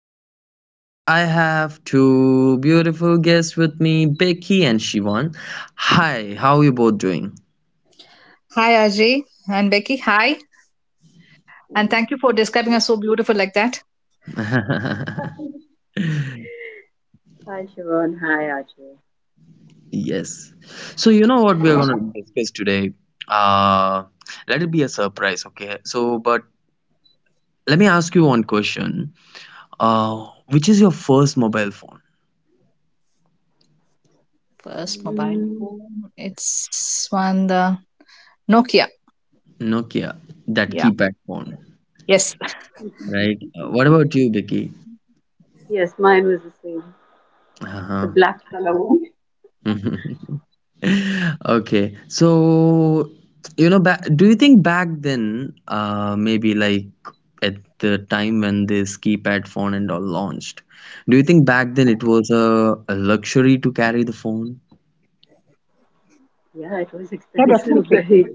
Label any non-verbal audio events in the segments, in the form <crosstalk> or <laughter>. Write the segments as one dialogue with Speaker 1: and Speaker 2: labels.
Speaker 1: my podcast. I have two beautiful guests with me, Becky and Shivan. Hi, how are you both doing?
Speaker 2: Hi, Ajay and Becky. Hi, and thank you for describing us so beautiful like that.
Speaker 1: <laughs>
Speaker 3: Hi, Siobhan. Hi, Ajay.
Speaker 1: Yes. So, you know what we are going to discuss today? Uh, Let it be a surprise, okay? So, but let me ask you one question. Which is your first mobile phone?
Speaker 2: First mobile
Speaker 3: Mm.
Speaker 2: phone, it's one the Nokia.
Speaker 1: Nokia, that
Speaker 2: Yeah.
Speaker 1: keypad phone,
Speaker 2: Yes.
Speaker 1: right? What about
Speaker 3: <laughs>
Speaker 1: you, Becky?
Speaker 3: Yes, mine was the same. The
Speaker 1: Uh-huh.
Speaker 3: black color one.
Speaker 1: <laughs> Okay, so do you think back then, maybe like at the time when this keypad phone and all launched, do you think back then it was a luxury to carry the phone?
Speaker 3: Yeah, it was
Speaker 2: Yeah,
Speaker 3: expensive, <laughs>
Speaker 2: definitely.
Speaker 3: very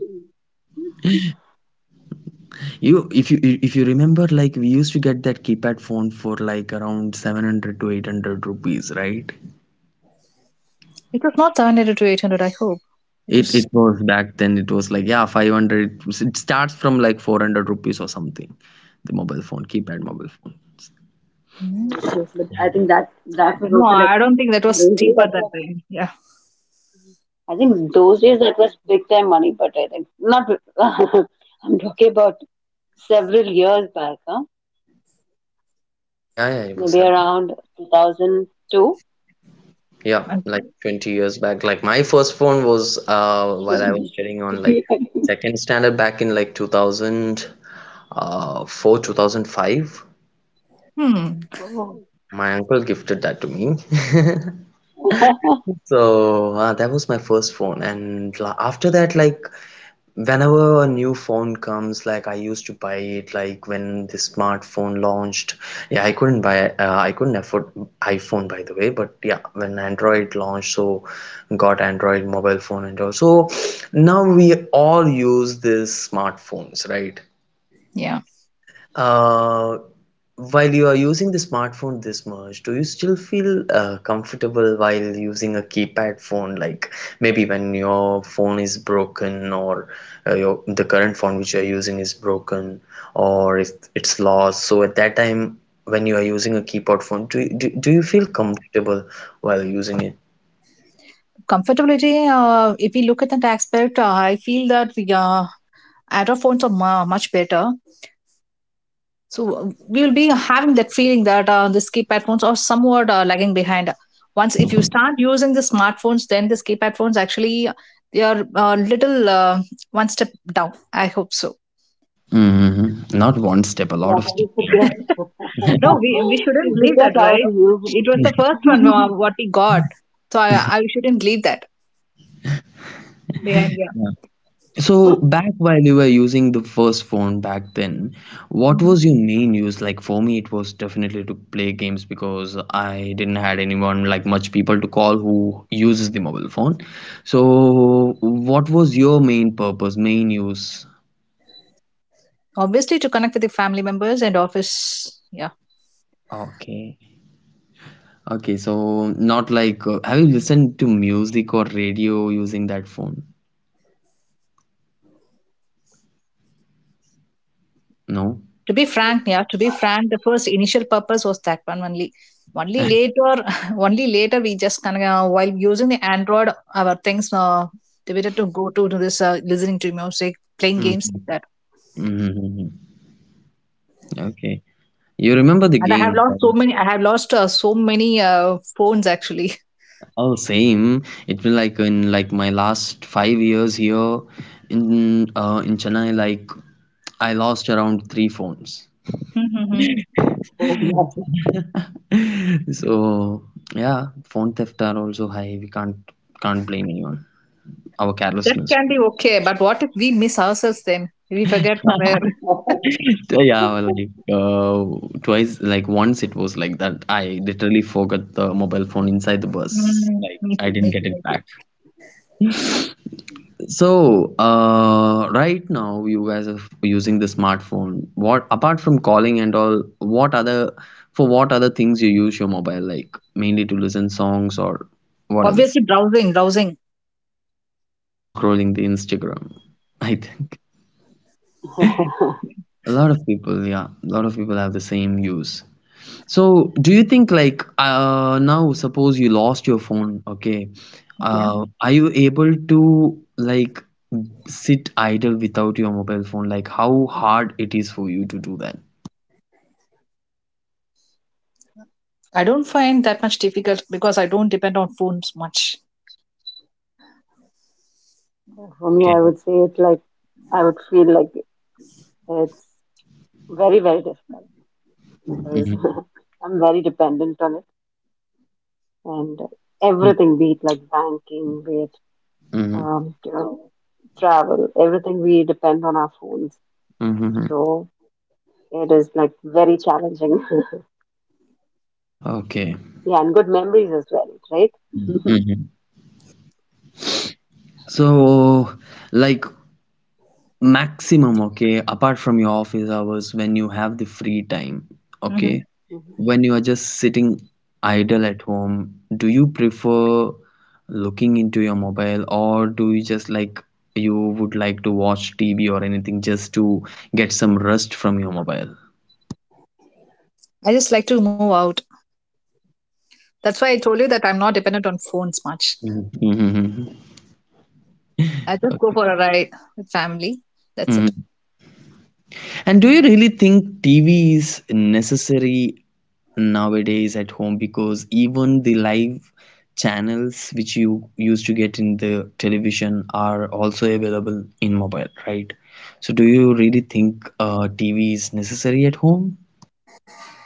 Speaker 1: You, if you remember, like we used to get that keypad phone for like around 700 to 800 rupees, right?
Speaker 2: It was not 700 to 800. I hope it
Speaker 1: It
Speaker 2: was.
Speaker 1: it was back then. It was like, yeah, 500. It starts from like 400 rupees or something. The mobile phone, keypad mobile phone.
Speaker 2: Hmm.
Speaker 3: expensive. But I think that was
Speaker 2: No,
Speaker 3: also like
Speaker 2: I don't think that
Speaker 3: in
Speaker 2: was
Speaker 3: those days
Speaker 2: cheaper
Speaker 3: that
Speaker 2: that
Speaker 3: was,
Speaker 2: time. Yeah.
Speaker 3: I think those days that was big time money, but I think not. <laughs> I'm talking about several years back, huh?
Speaker 1: Yeah, yeah, it was
Speaker 3: Maybe around 2002.
Speaker 1: Yeah, like 20 years back. Like my first phone was while I was
Speaker 3: <laughs>
Speaker 1: studying on like second standard back in like 2000 4 2005.
Speaker 2: Hmm.
Speaker 1: My uncle gifted that to me. <laughs>
Speaker 3: Oh, <laughs>
Speaker 1: So that was my first phone, and after that, like whenever a new phone comes, like I used to buy it, like when the smartphone launched. Yeah, I couldn't buy, I couldn't afford iPhone, by the way, but yeah, when Android launched, so got Android mobile phone and all. So now we all use these smartphones, right?
Speaker 2: Yeah.
Speaker 1: Uh, while you are using the smartphone this much, do you still feel comfortable while using a keypad phone? Like maybe when your phone is broken, or your the current phone which you are using is broken, or if it's lost. So at that time, when you are using a keypad phone, do you feel comfortable while using it?
Speaker 2: Comfortability. If we look at that aspect, I feel that the Android phones are much better.
Speaker 1: Mm-hmm.
Speaker 2: So we will be having that feeling that these keypad phones are somewhat lagging behind. Once if you start using the smartphones, then the keypad phones actually they are a little one step down. I hope so. <laughs>
Speaker 1: Mm-hmm. Not one step, a
Speaker 3: yeah,
Speaker 1: lot of step
Speaker 3: I
Speaker 1: down,
Speaker 3: forget. <laughs>
Speaker 1: right?
Speaker 2: No,
Speaker 3: I
Speaker 2: we shouldn't believe
Speaker 3: forget
Speaker 2: that,
Speaker 3: how to
Speaker 2: right?
Speaker 3: use
Speaker 2: It was the
Speaker 3: it.
Speaker 2: first one
Speaker 3: <laughs>
Speaker 2: what we got, so I shouldn't leave that behind. Yeah.
Speaker 1: <laughs> So back while you were using the first phone back then, what
Speaker 2: Mhm.
Speaker 1: was your main use? Like for me, it was definitely to play games because I didn't had anyone, like much people to call who uses the mobile phone. So what was your main purpose, main use?
Speaker 2: Obviously, to connect with the family members and office. Yeah.
Speaker 1: Okay. Okay, so not like, have you listened to music or radio using that phone? No?
Speaker 2: To be frank, yeah, to be frank, the first initial purpose was that one only. Only later, <laughs> only later we just kind of while using the Android, our things debated to go to this listening to music, playing games like
Speaker 1: Mm-hmm.
Speaker 2: that.
Speaker 1: Okay. You remember the
Speaker 2: And I have
Speaker 1: game,
Speaker 2: lost
Speaker 1: right?
Speaker 2: so many. I have lost so many phones actually.
Speaker 1: Oh, same. It will like in like my last 5 years here in Chennai, like I lost around 3 phones.
Speaker 2: <laughs> hmm
Speaker 3: Oh, yeah.
Speaker 1: <laughs> So yeah, phone theft are also high. We Can't blame anyone. Our
Speaker 2: That
Speaker 1: carelessness.
Speaker 2: can be okay, but what if we miss ourselves then? We forget
Speaker 1: <laughs>
Speaker 2: somewhere. <laughs>
Speaker 3: <laughs>
Speaker 1: So, yeah, like twice, like once it was like that. I literally forgot the mobile phone inside the bus. Like
Speaker 2: Me
Speaker 1: I
Speaker 2: too, me
Speaker 1: didn't get
Speaker 2: too,
Speaker 1: it
Speaker 2: me too.
Speaker 1: back. So, right now you guys are using the smartphone. What, apart from calling and all, what other for what other things you use your mobile, like? Mainly to listen songs or what else?
Speaker 2: Obviously, browsing, browsing.
Speaker 1: <laughs> And doom scrolling the Instagram. I think a lot of people have the same use. So, do you think like, now suppose you lost your phone, okay? Are you able to like sit idle without your mobile phone? Like how hard it is for you to do that?
Speaker 2: I don't find that much difficult because I don't depend on phones much.
Speaker 3: For me, I
Speaker 1: Okay.
Speaker 3: would say it like I would feel like it's very, very difficult because
Speaker 1: Mm-hmm.
Speaker 3: <laughs> I'm very dependent on it and everything, be it like banking, be it
Speaker 1: Mm-hmm.
Speaker 3: um, you know, travel, everything we depend on our phones.
Speaker 1: Mm-hmm.
Speaker 3: So it is like very challenging. <laughs>
Speaker 1: Okay.
Speaker 3: Yeah, and good memories as well, right? <laughs>
Speaker 1: Mm-hmm. So, like maximum, okay, apart from your office hours when you have the free time, okay?
Speaker 2: hmm
Speaker 3: Mhm.
Speaker 1: When you are just sitting idle at home, do you prefer looking into your mobile, or do you just like you would like to watch TV or anything just to get some rest from your mobile?
Speaker 2: I just like to move out. That's why I told you that I'm not dependent on phones much.
Speaker 1: Mhm. Mhm.
Speaker 2: I just go
Speaker 1: Okay.
Speaker 2: for a ride with family. That's it.
Speaker 1: Mm-hmm. And do you really think TV is necessary nowadays at home? Because even the live channels which you used to get in the television are also available in mobile, right? So, do you really think TV is necessary at home?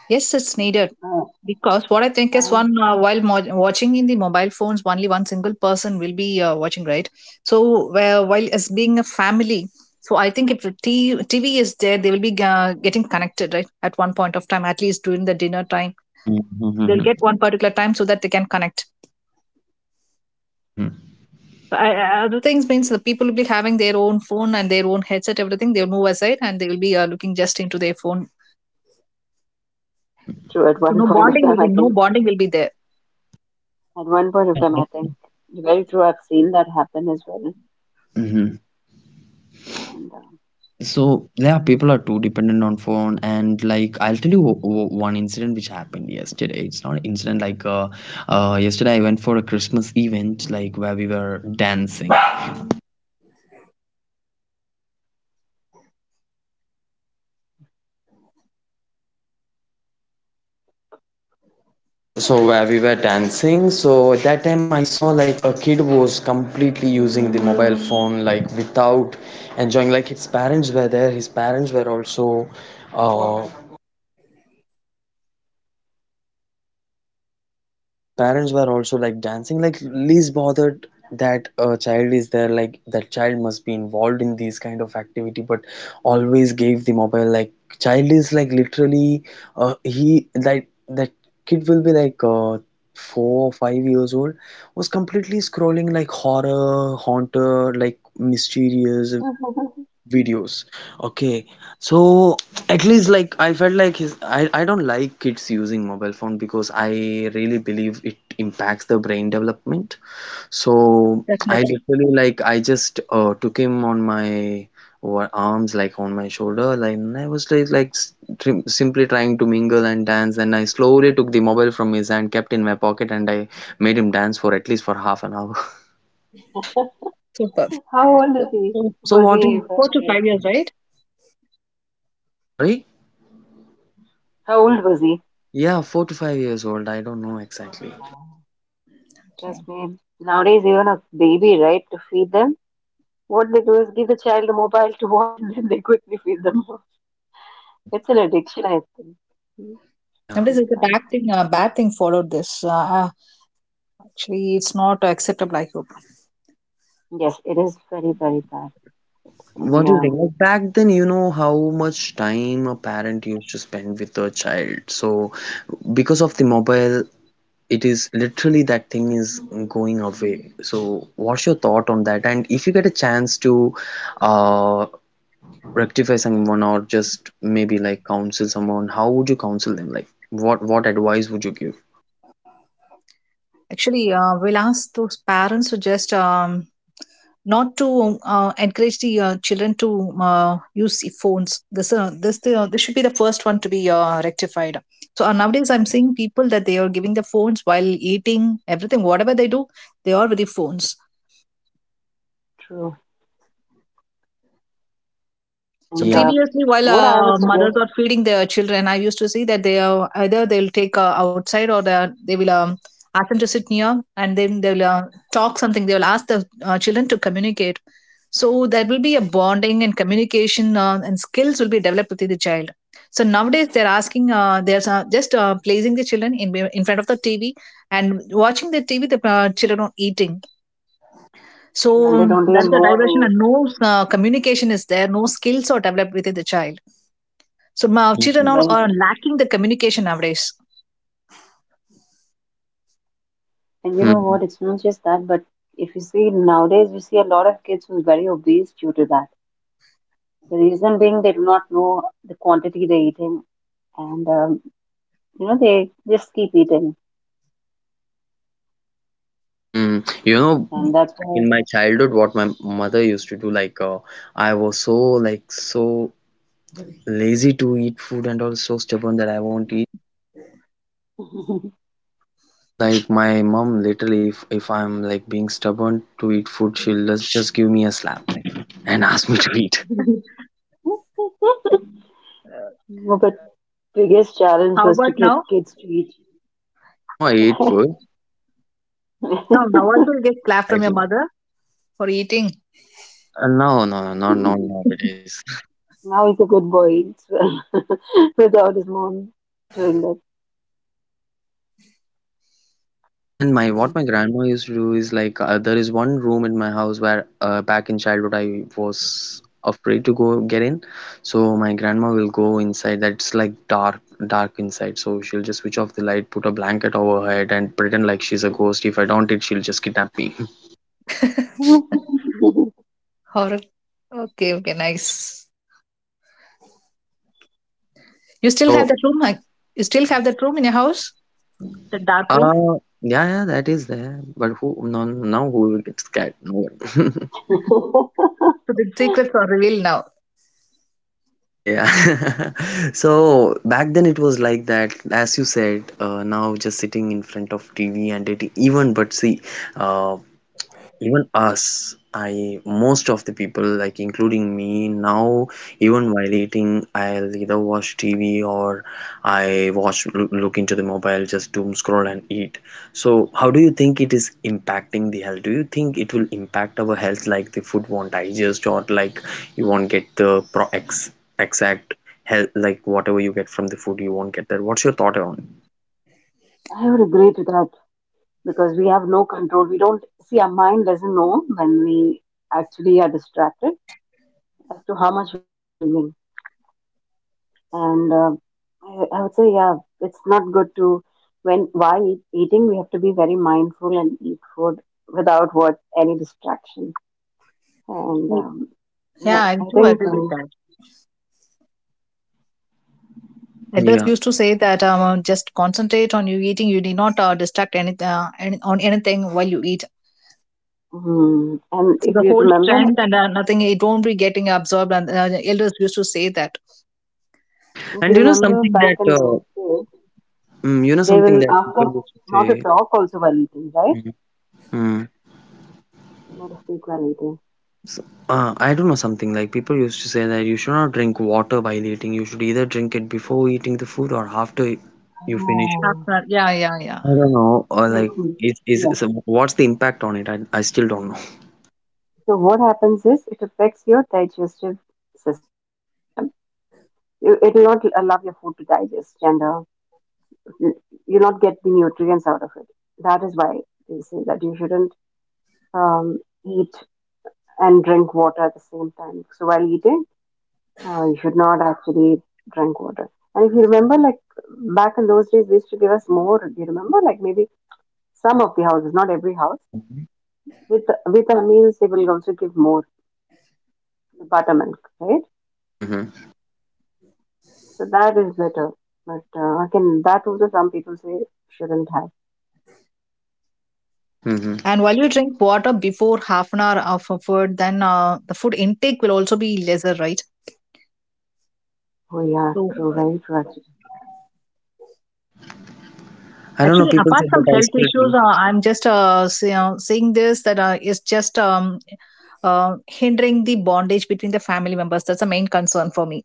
Speaker 2: Yes, it's needed
Speaker 3: Uh,
Speaker 2: because what I think is
Speaker 3: I
Speaker 2: one while watching in the mobile phones, only one single person will be watching, right? So while as being a family, so I think if the TV is there, they will be getting connected, right? At one point of time, at least during the dinner time, they'll
Speaker 1: Mm-hmm.
Speaker 2: get one particular time so that they can connect.
Speaker 1: Mm-hmm.
Speaker 2: I, other things means the people will be having their own phone and their own headset, everything. They'll move aside and they will be looking just into their phone.
Speaker 1: Mm-hmm.
Speaker 3: through at one <laughs>
Speaker 2: So
Speaker 3: point of time, I think.
Speaker 2: no bonding will be there.
Speaker 3: At one point of time, I think very true. I've seen that happen as well.
Speaker 1: Yeah.
Speaker 3: And
Speaker 1: So yeah, people are too dependent on phone, and like I'll tell you one incident which happened yesterday. It's not an incident like, yesterday I went for a Christmas event, like where we were dancing. So at that time I saw like a kid was completely using the mobile phone, like without enjoying, like his parents were there. Uh, His parents were also like dancing, like least bothered that a child is there, like that child must be involved in these kind of activity, but always gave the mobile. Like child is like literally, he like that kid will be like 4 or 5 years old, was completely scrolling like horror, haunter, like mysterious
Speaker 3: uh,
Speaker 1: videos, okay? So at least like I felt like his, I don't like kids using mobile phone, because I really believe it impacts the brain development. So I
Speaker 2: Definitely,
Speaker 1: literally like I just took him on my arms, like on my shoulder, like, and I was like, simply trying to mingle and dance, and I slowly took the mobile from his hand, kept in my pocket, and I made him dance for at least for half an hour.
Speaker 2: super.
Speaker 3: <laughs> how
Speaker 1: <laughs>
Speaker 3: old is he?
Speaker 1: So,
Speaker 3: Was he
Speaker 2: Four to
Speaker 3: very?
Speaker 2: five years, right?
Speaker 1: sorry?
Speaker 3: How old was he?
Speaker 1: Yeah, 4 to 5 years old. I don't know exactly.
Speaker 2: Okay.
Speaker 3: Trust me. Nowadays, even a baby, right, to feed them, what they do is give the child a mobile to watch, <laughs> and then they quickly feed them. <laughs>
Speaker 1: Mm,
Speaker 3: It's an addiction, I think. hmm,
Speaker 1: yeah.
Speaker 3: The
Speaker 2: Nowadays, it's a
Speaker 3: mobile
Speaker 2: bad thing.
Speaker 3: phone.
Speaker 2: Bad thing followed this. Actually, it's not acceptable. I hope.
Speaker 3: Yes, it is very, very bad. And
Speaker 1: What do you think? Like back then, you know how much time a parent used to spend with their child. So because of the mobile, it is literally that thing is going away. So what's your thought on that? And if you get a chance to uh rectify someone, or just maybe like counsel someone, how would you counsel them? Like what advice would you give?
Speaker 2: Actually, we'll ask those parents to just not to encourage the children to use the phones. This should be the first one to be rectified. So nowadays, I'm seeing people that they are giving the phones while eating everything. Whatever they do, they are with the phones.
Speaker 3: true. And
Speaker 2: So
Speaker 1: Yeah.
Speaker 3: what
Speaker 2: previously,
Speaker 3: I would
Speaker 2: while
Speaker 3: suggest,
Speaker 2: mothers are feeding their children, I used to see that they are either they'll take outside or they will ask them to sit near, and then they'll talk something. They will ask the children to communicate. So there will be a bonding and communication and skills will be developed within the child. So nowadays they're just placing the children in front of the TV and watching the TV. The children are eating. So
Speaker 3: true, and they don't
Speaker 2: that
Speaker 3: even
Speaker 2: is a diversion,
Speaker 3: know
Speaker 2: and no communication is there. No skills are developed within the child. So now children
Speaker 1: Mhm.
Speaker 2: now are
Speaker 3: the.
Speaker 2: lacking the communication nowadays.
Speaker 3: And you know
Speaker 1: Hmm.
Speaker 3: what? It's not just that, but if you see nowadays, you see a lot of kids who are very obese due to that. The reason being they do not know the quantity they're eating, and you know they just keep eating,
Speaker 1: Hmm. You know,
Speaker 3: and that's
Speaker 1: back
Speaker 3: why.
Speaker 1: in my childhood, what my mother used to do, like, I was so so lazy to eat food, and also stubborn that I won't.
Speaker 3: <laughs>
Speaker 1: So like my mom, literally, if I'm like being stubborn to eat food, she'll just give me a slap and ask me to eat.
Speaker 3: No, but biggest challenge
Speaker 2: How
Speaker 3: was to
Speaker 2: about
Speaker 3: get
Speaker 2: now?
Speaker 3: kids to eat. <laughs>
Speaker 1: Now I eat food.
Speaker 2: Now, now also you get
Speaker 1: Now I
Speaker 2: clap
Speaker 1: try
Speaker 2: from your
Speaker 1: to.
Speaker 2: mother for eating.
Speaker 1: No, no, no, not not nowadays.
Speaker 3: Now he's a good boy, he eats well <laughs> without his mom doing that.
Speaker 1: And my, what my grandma used to do is like, there is one room in my house where, back in childhood I was afraid to go get in. So my grandma will go inside. That's like dark, dark inside. So she'll just switch off the light, put a blanket over her head, and pretend like she's a ghost. If I don't it, she'll just kidnap me. <laughs>
Speaker 3: Mm.
Speaker 2: <laughs>
Speaker 3: <laughs>
Speaker 2: Or okay, okay, nice. You still have
Speaker 1: So
Speaker 2: that room? Like, you still have that room in your house? The dark room.
Speaker 1: uh yeah, yeah, that is there. But who, no now who will get scared? No one. <laughs>
Speaker 2: So the secrets are revealed now.
Speaker 1: Yeah. <laughs> So back then it was like that, as you said, now just sitting in front of TV and dating, even but see, uh, even us, I, most of the people, like including me now, even while eating, I'll either watch TV or I watch look into the mobile, just doom scroll and eat. So, how do you think it is impacting the health? Do you think it will impact our health, like the food won't digest, or like you won't get the pro ex exact health, like whatever you get from the food, you won't get that. What's your thought on
Speaker 3: I would agree to that, because we have no control. We don't see, our mind doesn't know when we actually are distracted as to how much we're consuming. And I would say, yeah, it's not good to, when while eating we have to be very mindful and eat food without what any distraction. And
Speaker 2: Yeah, I
Speaker 3: I
Speaker 2: do
Speaker 3: think,
Speaker 2: agree with that.
Speaker 1: it?
Speaker 2: Elders
Speaker 1: Yeah,
Speaker 2: used to say that just concentrate on you eating. You need not distract on anything while you eat.
Speaker 3: and
Speaker 2: So
Speaker 3: if
Speaker 2: the
Speaker 3: you
Speaker 2: whole
Speaker 3: remember,
Speaker 2: strength
Speaker 3: like,
Speaker 2: and nothing, it won't be getting absorbed. And elders used to say that.
Speaker 3: if you
Speaker 1: and you know
Speaker 3: remember
Speaker 1: something
Speaker 3: back in
Speaker 1: that,
Speaker 3: those days,
Speaker 1: you know
Speaker 3: they
Speaker 1: something
Speaker 3: will
Speaker 1: that
Speaker 3: ask us
Speaker 1: people used
Speaker 3: not to
Speaker 1: to
Speaker 3: talk also while eating, right?
Speaker 1: say. Hmm.
Speaker 3: Not to speak while eating.
Speaker 1: S- I don't know, something like people used to say that you should not drink water while eating. You should either drink it before eating the food or after you finish it.
Speaker 2: Half an hour. Yeah, yeah, yeah.
Speaker 1: I don't know. Or like,
Speaker 3: Mhm.
Speaker 1: is
Speaker 3: Yeah.
Speaker 1: so what's the impact on it? I still don't know.
Speaker 3: So what happens is, it affects your digestive system. It will not allow your food to digest, and you- you'll not get the nutrients out of it. That is why they say that you shouldn't um, eat and drink water at the same time. So while eating, you should not actually drink water. And if you remember, like back in those days, they used to give us more. Do you remember? Like maybe some of the houses, not every house.
Speaker 1: Mhm.
Speaker 3: With the meals, they will also give more buttermilk, right?
Speaker 1: Mm-hmm.
Speaker 3: So that is better. But again, that also some people say shouldn't have.
Speaker 1: Mm-hmm.
Speaker 2: And while you drink water before half an hour of a food, then the food intake will also be lesser, right?
Speaker 3: Oh yeah,
Speaker 2: So
Speaker 3: true,
Speaker 2: uh,
Speaker 3: right, Raji?
Speaker 1: Oh, I don't know.
Speaker 2: Actually,
Speaker 1: People
Speaker 2: apart
Speaker 1: said
Speaker 2: from
Speaker 1: that I
Speaker 2: health
Speaker 1: still drink.
Speaker 2: issues, I'm just saying this that it's just hindering the bondage between the family members. That's the main concern for me.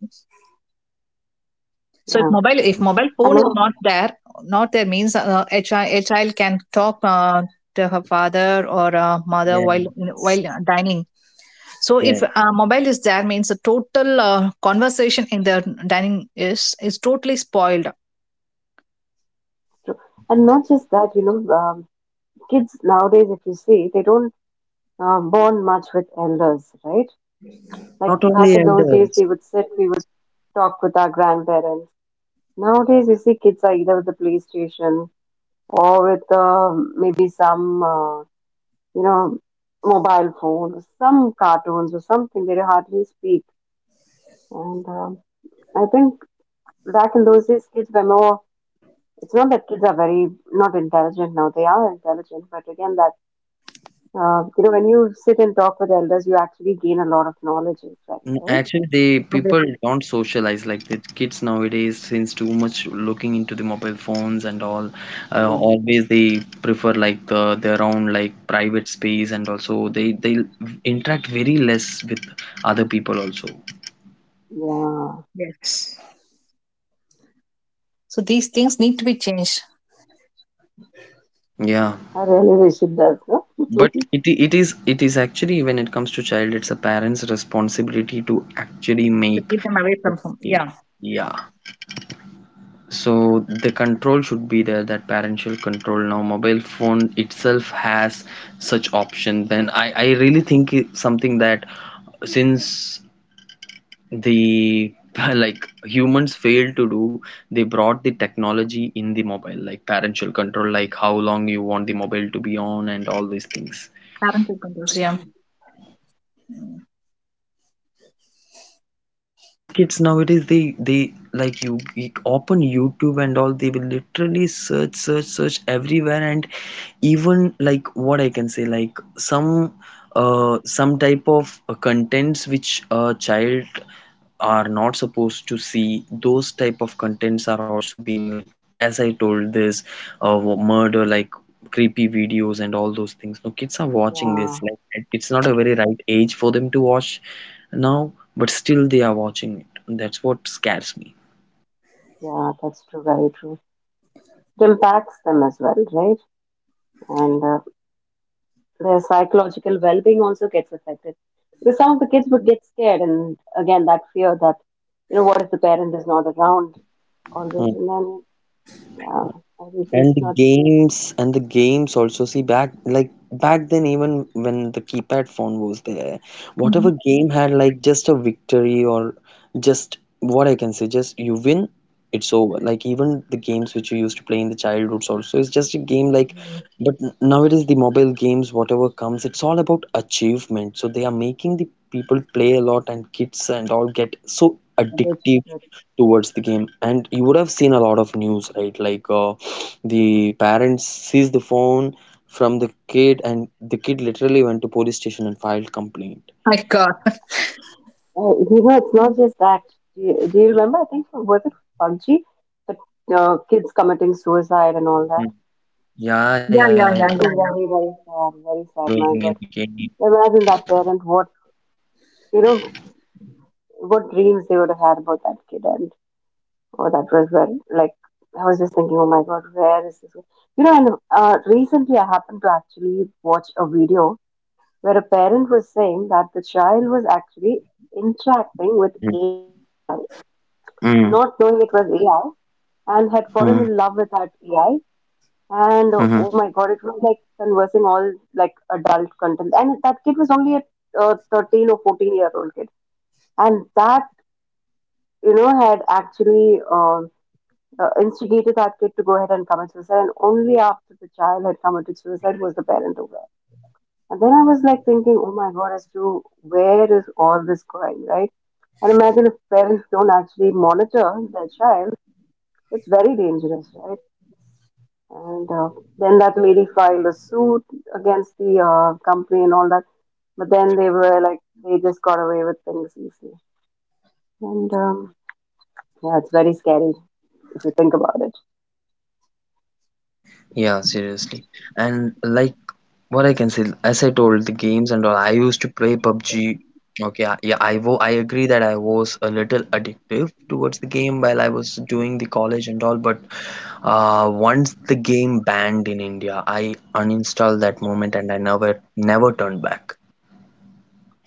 Speaker 3: Yeah,
Speaker 2: So if
Speaker 1: Mm.
Speaker 3: and
Speaker 2: mobile
Speaker 3: not
Speaker 2: phone is not there, not there means child, a child can talk to her father or mother
Speaker 1: Yeah.
Speaker 2: while dining. So
Speaker 1: Yeah.
Speaker 2: if mobile is there means the total conversation in the dining is totally spoiled.
Speaker 3: true.
Speaker 1: Yeah.
Speaker 3: And not just that. You know, kids nowadays, if you see, they don't bond much with elders, right? Like
Speaker 1: Not
Speaker 3: back
Speaker 1: only
Speaker 3: in those days,
Speaker 1: elders.
Speaker 3: we would sit, we would talk with our grandparents. Nowadays, you see, kids are either with the PlayStation or with maybe some, you know, mobile phone, or some cartoons or something. They hardly speak. And I think back in those days, kids were more. It's not that kids are very not intelligent now. They are intelligent, but again, that when you sit and talk with elders, you actually gain a lot of knowledge as well,
Speaker 1: Mm,
Speaker 3: right?
Speaker 1: actually, they people
Speaker 2: Obviously,
Speaker 1: don't socialize like the kids nowadays, since too much looking into the mobile phones and all.
Speaker 3: Mm.
Speaker 1: Always they prefer like their own like private space, and also they interact very less with other people also.
Speaker 3: Yeah,
Speaker 2: yes. So these things need to be changed
Speaker 1: Yeah,
Speaker 3: I really wish it does. No?
Speaker 1: but
Speaker 3: <laughs>
Speaker 1: it is, it is actually when it comes to child, it's a parent's responsibility to actually
Speaker 2: to
Speaker 1: make
Speaker 2: keep them away from home.
Speaker 1: it.
Speaker 2: Yeah,
Speaker 1: Yeah. So the control should be there, that parental control. Now mobile phone itself has such option, then I really think it's something that, since the <laughs> like humans failed to do, they brought the technology in the mobile, like parental control, like how long you want the mobile to be on and all these things.
Speaker 2: parental controls. Yeah.
Speaker 3: Mhm.
Speaker 1: And small kids nowadays, they like you open youtube and all, they will literally search search everywhere. And even, like, what I can say, like some type of contents which a child are not supposed to see, those type of contents are also being, like, as I told, this uh, murder, like creepy videos and all those things. No, kids are watching
Speaker 3: Yeah,
Speaker 1: this, like it's not a very right age for them to watch now, but still they are watching it. That's what scares me.
Speaker 3: yeah, that's true. Very true. It impacts them as well, right? And their psychological well-being also gets affected because some of the kids would get scared, and again, that fear that you know, what if the parent is not around? Always, and then yeah, I think
Speaker 1: And
Speaker 3: it's
Speaker 1: the
Speaker 3: not
Speaker 1: games and the games also, see, back like back then, even when the keypad phone was there,
Speaker 2: Mhm.
Speaker 1: whatever game had like just a victory or just, what I can say, just you win, it's over. Like even the games which you used to play in the childhoods also is just a game, like, but nowadays the mobile games, whatever comes, it's all about achievement. So they are making the people play a lot, and kids and all get so
Speaker 3: a bit
Speaker 1: addictive
Speaker 3: different.
Speaker 1: towards the game. And you would have seen a lot of news, right, like the parents seized the phone from the kid, and the kid literally went to police station and filed complaint.
Speaker 2: My God. <laughs>
Speaker 3: It's not just that. Do you remember? I think from was it PUBG, but kids
Speaker 1: Yeah.
Speaker 3: committing suicide and all that.
Speaker 1: Mm. Yeah, yeah,
Speaker 2: Yeah,
Speaker 1: yeah,
Speaker 2: yeah,
Speaker 1: yeah.
Speaker 2: yeah,
Speaker 3: That is
Speaker 2: yeah, yeah.
Speaker 3: very very sad. Very sad.
Speaker 1: Roaming
Speaker 3: My
Speaker 1: in the
Speaker 3: God,
Speaker 1: game.
Speaker 3: imagine that parent. What, you know, what dreams they would have had about that kid, and oh, that was very like. I was just thinking, oh my God, where is this? And recently I happened to actually watch a video where a parent was saying that the child was actually interacting with
Speaker 1: Mhm.
Speaker 3: AI, not
Speaker 1: Mm.
Speaker 3: knowing it was AI, and had
Speaker 1: Mm.
Speaker 3: fallen in love with that AI. And
Speaker 1: Mhm.
Speaker 3: oh my God, it was like conversing all like adult content. And that kid was only a 13 or 14-year-old kid. And that, had actually instigated that kid to go ahead and commit suicide. And only after the child had committed suicide was the parent aware. And then I was like thinking, oh my God, as to where is all this going, right? And imagine if parents don't actually monitor their child, it's very dangerous, right? And then that lady filed a suit against the company and all that. But then they were like, they just got away with things easily. And yeah, it's very scary if you think about it.
Speaker 1: Yeah, seriously. And, like, what I can say, as I told, the games and all, I used to play PUBG. Okay, I, yeah, I agree that I was a little addictive towards the game while I was doing the college and all, but once the game banned in India, I uninstalled that moment and I never turned back.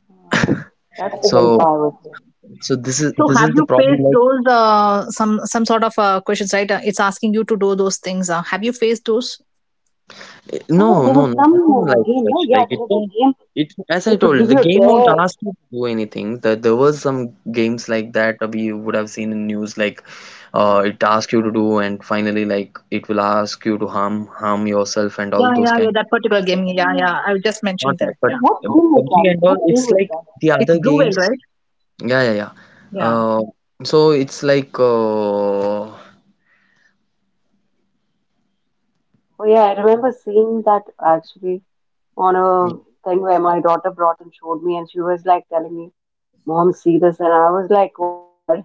Speaker 3: Uh, that's the
Speaker 1: So
Speaker 3: willpower thing.
Speaker 1: so this is
Speaker 2: So
Speaker 1: this
Speaker 2: have
Speaker 1: is the
Speaker 2: you
Speaker 1: problem.
Speaker 2: faced
Speaker 1: Like,
Speaker 2: those some sort of questions? Right, it's asking you to do those things. Have you faced those?
Speaker 1: no
Speaker 3: Oh, there
Speaker 1: no
Speaker 3: was
Speaker 1: no nothing
Speaker 3: some
Speaker 1: like
Speaker 3: game,
Speaker 1: such.
Speaker 3: no? Yeah,
Speaker 1: Like
Speaker 3: there
Speaker 1: it
Speaker 3: was a
Speaker 1: don't,
Speaker 3: game.
Speaker 1: it, as I
Speaker 3: It would
Speaker 1: told,
Speaker 3: give
Speaker 1: the
Speaker 3: you a
Speaker 1: game won't
Speaker 3: dare.
Speaker 1: ask you to do anything. That there was some games like that we would have seen in news, like it asks you to do, and finally like it will ask you to harm yourself and all
Speaker 2: Yeah,
Speaker 1: those
Speaker 2: yeah, yeah.
Speaker 1: kind
Speaker 2: That particular
Speaker 1: of,
Speaker 2: game. Yeah,
Speaker 3: Hmm.
Speaker 2: yeah. I just
Speaker 1: not
Speaker 2: mentioned
Speaker 1: that.
Speaker 2: that.
Speaker 1: But
Speaker 3: So
Speaker 2: Yeah,
Speaker 3: what game was
Speaker 1: PUBG and
Speaker 3: that?
Speaker 1: all,
Speaker 3: What game
Speaker 1: it's
Speaker 3: was
Speaker 1: like
Speaker 3: that?
Speaker 1: the
Speaker 2: it's
Speaker 1: other
Speaker 2: blue whale,
Speaker 1: games.
Speaker 2: right?
Speaker 1: Yeah, yeah, yeah.
Speaker 2: Yeah.
Speaker 1: Uh, so it's like,
Speaker 3: Oh yeah, I remember seeing that actually, on a thing where my daughter brought and showed me, and she was like telling me, Mom, see this. And I was like, oh my God.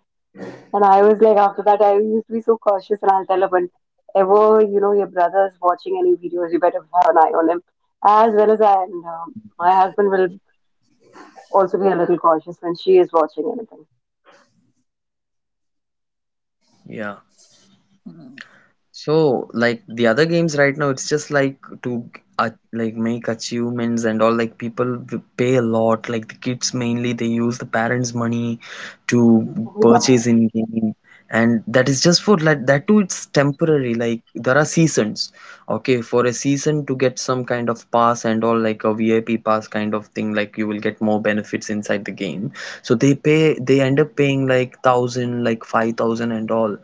Speaker 3: And I was like, after that, I used to be so cautious, and I'll tell her, whenever you know your brother's watching any videos, you better have an eye on him, as well as I. And my husband will also be a little cautious when she is watching anything.
Speaker 1: yeah. So, like the other games right now, it's just like to like make achievements and all. Like people pay a lot. Like the kids mainly, they use the parents' money to
Speaker 3: Oh,
Speaker 1: purchase
Speaker 3: wow.
Speaker 1: in game, and that is just for like that too. It's temporary. Like there are seasons. Okay, for a season to get some kind of pass and all, like a VIP pass kind of thing. Like you will get more benefits inside the game. So they pay. They end up paying like thousand, like 5,000 and all.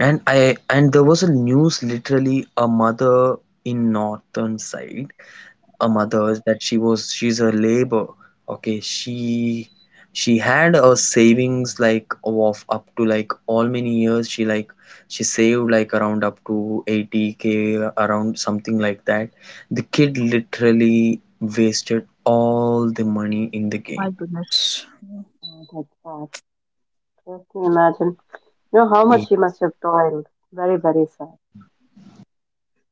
Speaker 1: And I, and there was a news literally a mother in northern side, a mother, that she's a labor. Okay, she had a savings like of up to like all many years. She like she saved like around up to 80k, around something like that. The kid literally wasted all the money in the
Speaker 2: My
Speaker 1: game.
Speaker 2: goodness,
Speaker 3: Oh, that's sad. Just to imagine, how much he must have toiled. Very, very sad.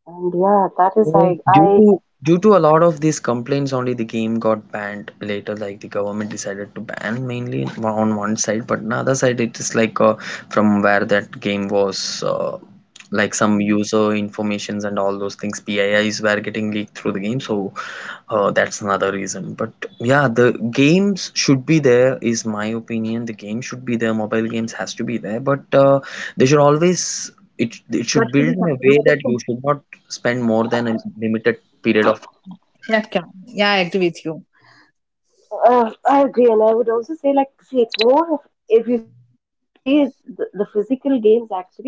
Speaker 3: And yeah, that is,
Speaker 1: Well,
Speaker 3: I, I
Speaker 1: Due to a lot of these complaints, only the game got banned later. Like the government decided to ban, mainly on one side, but on the other side, it is like, from where that game was, uh, like some user informations and all those things, PIIs were getting leaked through the game. So, oh, that's another reason. But yeah, the games should be there, is my opinion. The game should be there. Mobile games has to be there. But they should always, it
Speaker 2: that
Speaker 1: should
Speaker 2: should
Speaker 1: build
Speaker 2: be
Speaker 1: in
Speaker 2: some
Speaker 1: a way that you
Speaker 2: restriction.
Speaker 1: should not spend more than a limited period of.
Speaker 2: Yeah, yeah. Yeah, I agree with you.
Speaker 3: I agree, and I would also say, like, see, it's more of, if you see the physical games actually,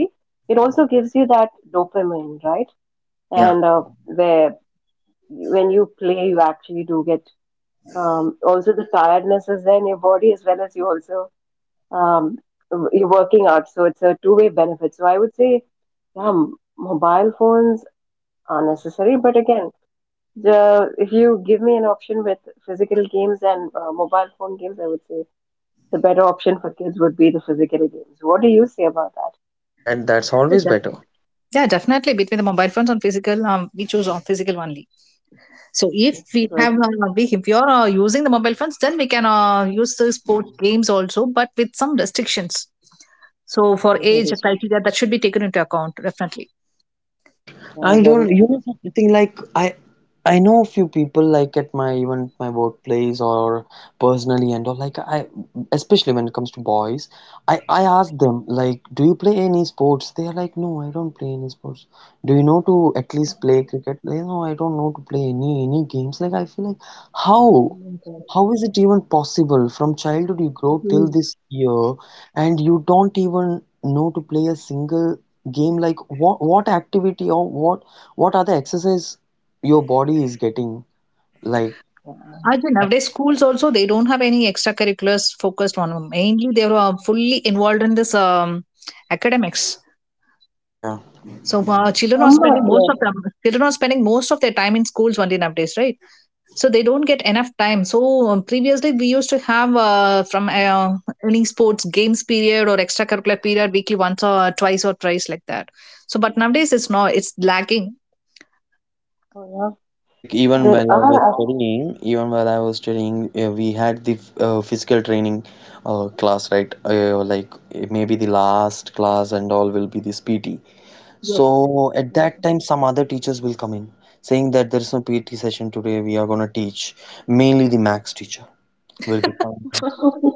Speaker 3: it also gives you that dopamine, right? And
Speaker 1: Yeah,
Speaker 3: where when you play, you actually do get also the tiredness is there in your body as well as you also um, you're working out, so it's a two-way benefit. So I would say, yeah, mobile phones are necessary, but again, the if you give me an option with physical games and mobile phone games, I would say the better option for kids would be the physical games. What do you say about that?
Speaker 1: that that's always better.
Speaker 2: Yeah, yeah, definitely. Between the mobile phones on physical, we choose on physical only. So if
Speaker 3: Yes,
Speaker 2: we
Speaker 3: because
Speaker 2: have, if you're using the mobile phones, then we can use the sport games also, but with some restrictions. So for
Speaker 3: true,
Speaker 2: age
Speaker 3: very true.
Speaker 2: criteria, that should be taken into account definitely.
Speaker 3: Yeah,
Speaker 1: I
Speaker 3: very
Speaker 1: don't, you
Speaker 3: true.
Speaker 1: know, something like I know a few people like at my even my workplace or personally and all, like I, especially when it comes to boys, I ask them like, do you play any sports? They are like, no, I don't play any sports. Do you know to at least play cricket? They no, I don't know to play any games. Like I feel like how
Speaker 3: Mhm.
Speaker 1: how is it even possible? From childhood, you grow till this year, and you don't even know to play a single game. Like what activity, or what other exercise your body is getting? Like,
Speaker 3: Yeah.
Speaker 2: I think nowadays schools also they don't have any extracurriculars focused on. Mainly they are fully involved in this academics.
Speaker 1: yeah.
Speaker 2: So children are
Speaker 3: Summer
Speaker 2: spending most
Speaker 3: play.
Speaker 2: of them. Children are spending most of their time in schools only nowadays, right? So they don't get enough time. So previously we used to have from any sports games period or extracurricular period weekly once or twice or thrice like that. So but nowadays it's not. It's lacking.
Speaker 3: Oh,
Speaker 1: You
Speaker 3: yeah.
Speaker 1: know, like
Speaker 3: There are ac-
Speaker 1: even while I was studying, we had the physical training class, right? Like maybe the last class and all will be this PT. So at
Speaker 3: Mm,
Speaker 1: that time, some other teachers will come in saying that there is no PT session today. We are going to teach. Mainly the max teacher will be coming.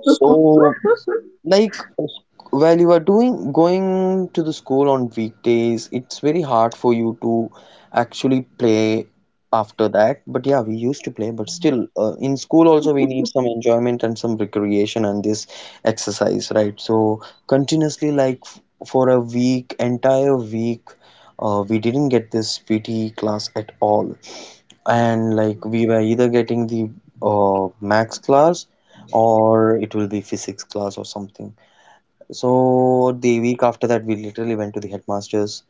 Speaker 1: So, like, while you are doing going to the school on weekdays, it's very hard for you to actually play after that. But yeah, we used to play, but still in school also we need some enjoyment and some recreation and this exercise, right? So continuously, like for a week, entire week, we didn't get this PT class at all. And like we were either getting the max class, or it will be physics class or something. So the week after that, we literally went to the headmaster's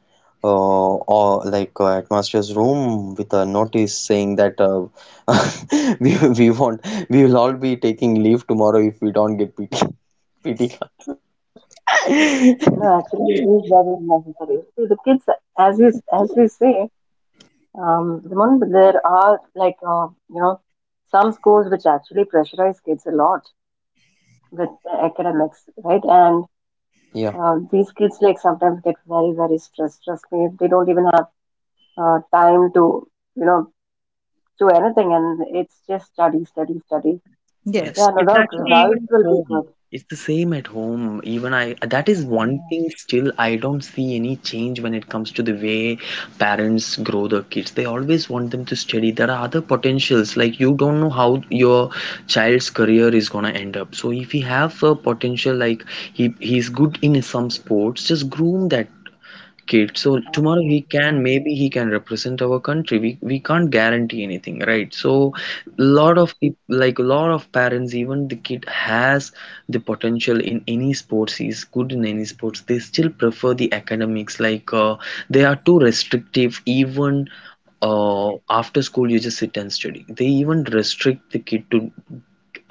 Speaker 1: or like headmaster's room with a notice saying that <laughs> we want, we will all be taking leave tomorrow if we don't get PT class.
Speaker 3: no, actually it is very necessary. See the kids, as you as you say, the moment there are like some schools which actually pressurize kids a lot with the
Speaker 1: <laughs>
Speaker 3: academics, right? And
Speaker 1: Yeah.
Speaker 3: these kids like sometimes get very very stressed. Trust me, they don't even have time to you know do anything, and it's just study, study, study.
Speaker 1: Yeah,
Speaker 2: Yes.
Speaker 3: Yeah, no
Speaker 1: it's
Speaker 3: doubt
Speaker 1: actually
Speaker 3: results
Speaker 1: even at
Speaker 3: will be
Speaker 1: home.
Speaker 3: good.
Speaker 1: It's the same at home. Even I, that is one thing still, I don't see any change when it comes to the way parents grow their kids. They always want them to study. There are other potentials, like you don't know how your child's career is gonna end up. So if he have a potential, like he's good in some sports, just groom that kid. So tomorrow he can, maybe he can represent our country. We can't guarantee anything, right? So lot
Speaker 3: Mm.
Speaker 1: of people, like a lot of parents, even the kid has the potential in any sports, he's good in any sports, they still prefer the academics. Like, they are too restrictive. Even after school, you just sit and study. They even restrict the kid to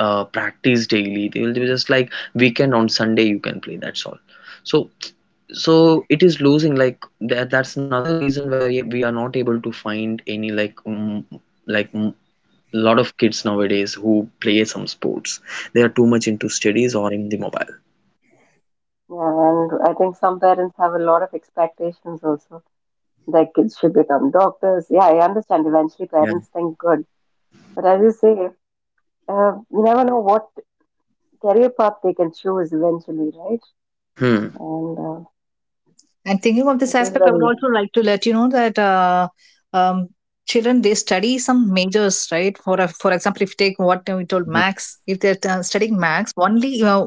Speaker 1: practice daily. They will be just like weekend, on Sunday you can play, that's all. So so it is losing like that. That's another reason why we are not able to find any, like, like mm, lot of kids nowadays who play some sports. They are too much into studies or in the mobile.
Speaker 3: Yeah, and I think some parents have a lot of expectations also. Their kids should become doctors. Yeah, I understand. Eventually,
Speaker 1: Yeah.
Speaker 3: parents think good, but as you say, you never know what career path they can choose eventually, right?
Speaker 1: Hmm.
Speaker 3: And
Speaker 2: And thinking of this
Speaker 3: it is
Speaker 2: aspect, I would
Speaker 3: very,
Speaker 2: also like to let you know that um, children they study some majors, right? For example, if you take what we told
Speaker 1: Hmm.
Speaker 2: Max, if they're studying Max, only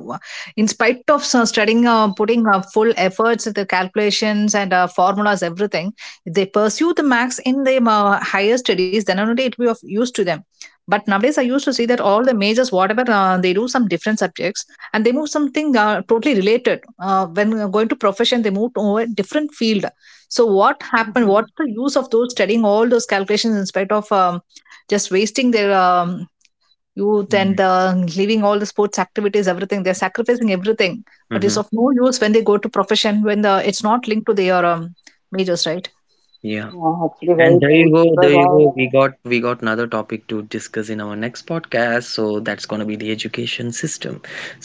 Speaker 2: in spite of studying, putting full efforts, the calculations and formulas, everything, if they pursue the Max in the higher studies, then only it will be of use to them. But nowadays, I used to see that all the majors, whatever they do, some different subjects and they moved something totally related when going to profession, they moved to a different field. So what happened? What's
Speaker 3: <laughs>
Speaker 2: the use of those studying all those calculations in spite of just wasting their youth and leaving all the sports activities, everything they're sacrificing everything, but it's
Speaker 1: Hmm.
Speaker 2: of no use when they go to profession, when the, it's not linked to their majors, right?
Speaker 1: Yeah.
Speaker 3: yeah, actually
Speaker 1: And
Speaker 3: very
Speaker 1: there you
Speaker 3: true
Speaker 1: go,
Speaker 3: because
Speaker 1: there you go.
Speaker 3: I.
Speaker 1: We got another topic to discuss in our next podcast. So that's gonna be the education system.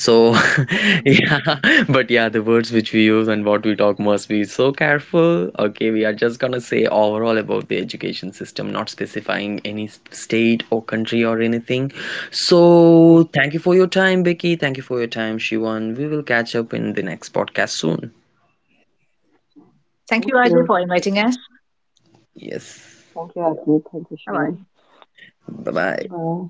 Speaker 1: So, <laughs>
Speaker 3: <laughs>
Speaker 1: yeah, but yeah, the words which we use and what we talk must be so careful. Okay, we are just gonna say overall about the education system, not specifying any state or country or anything. So thank you for your time, Becky. Thank you for your time, Shivan. We will catch up in the next podcast soon.
Speaker 3: Thank
Speaker 2: Thank
Speaker 3: you.
Speaker 2: you, Ajay,
Speaker 3: Take
Speaker 2: for
Speaker 3: care.
Speaker 2: inviting us.
Speaker 1: Yes.
Speaker 3: Thank you, Happy. Thank you,
Speaker 2: Bye
Speaker 3: Sharon.
Speaker 2: bye.
Speaker 1: Bye bye.
Speaker 3: Goodbye.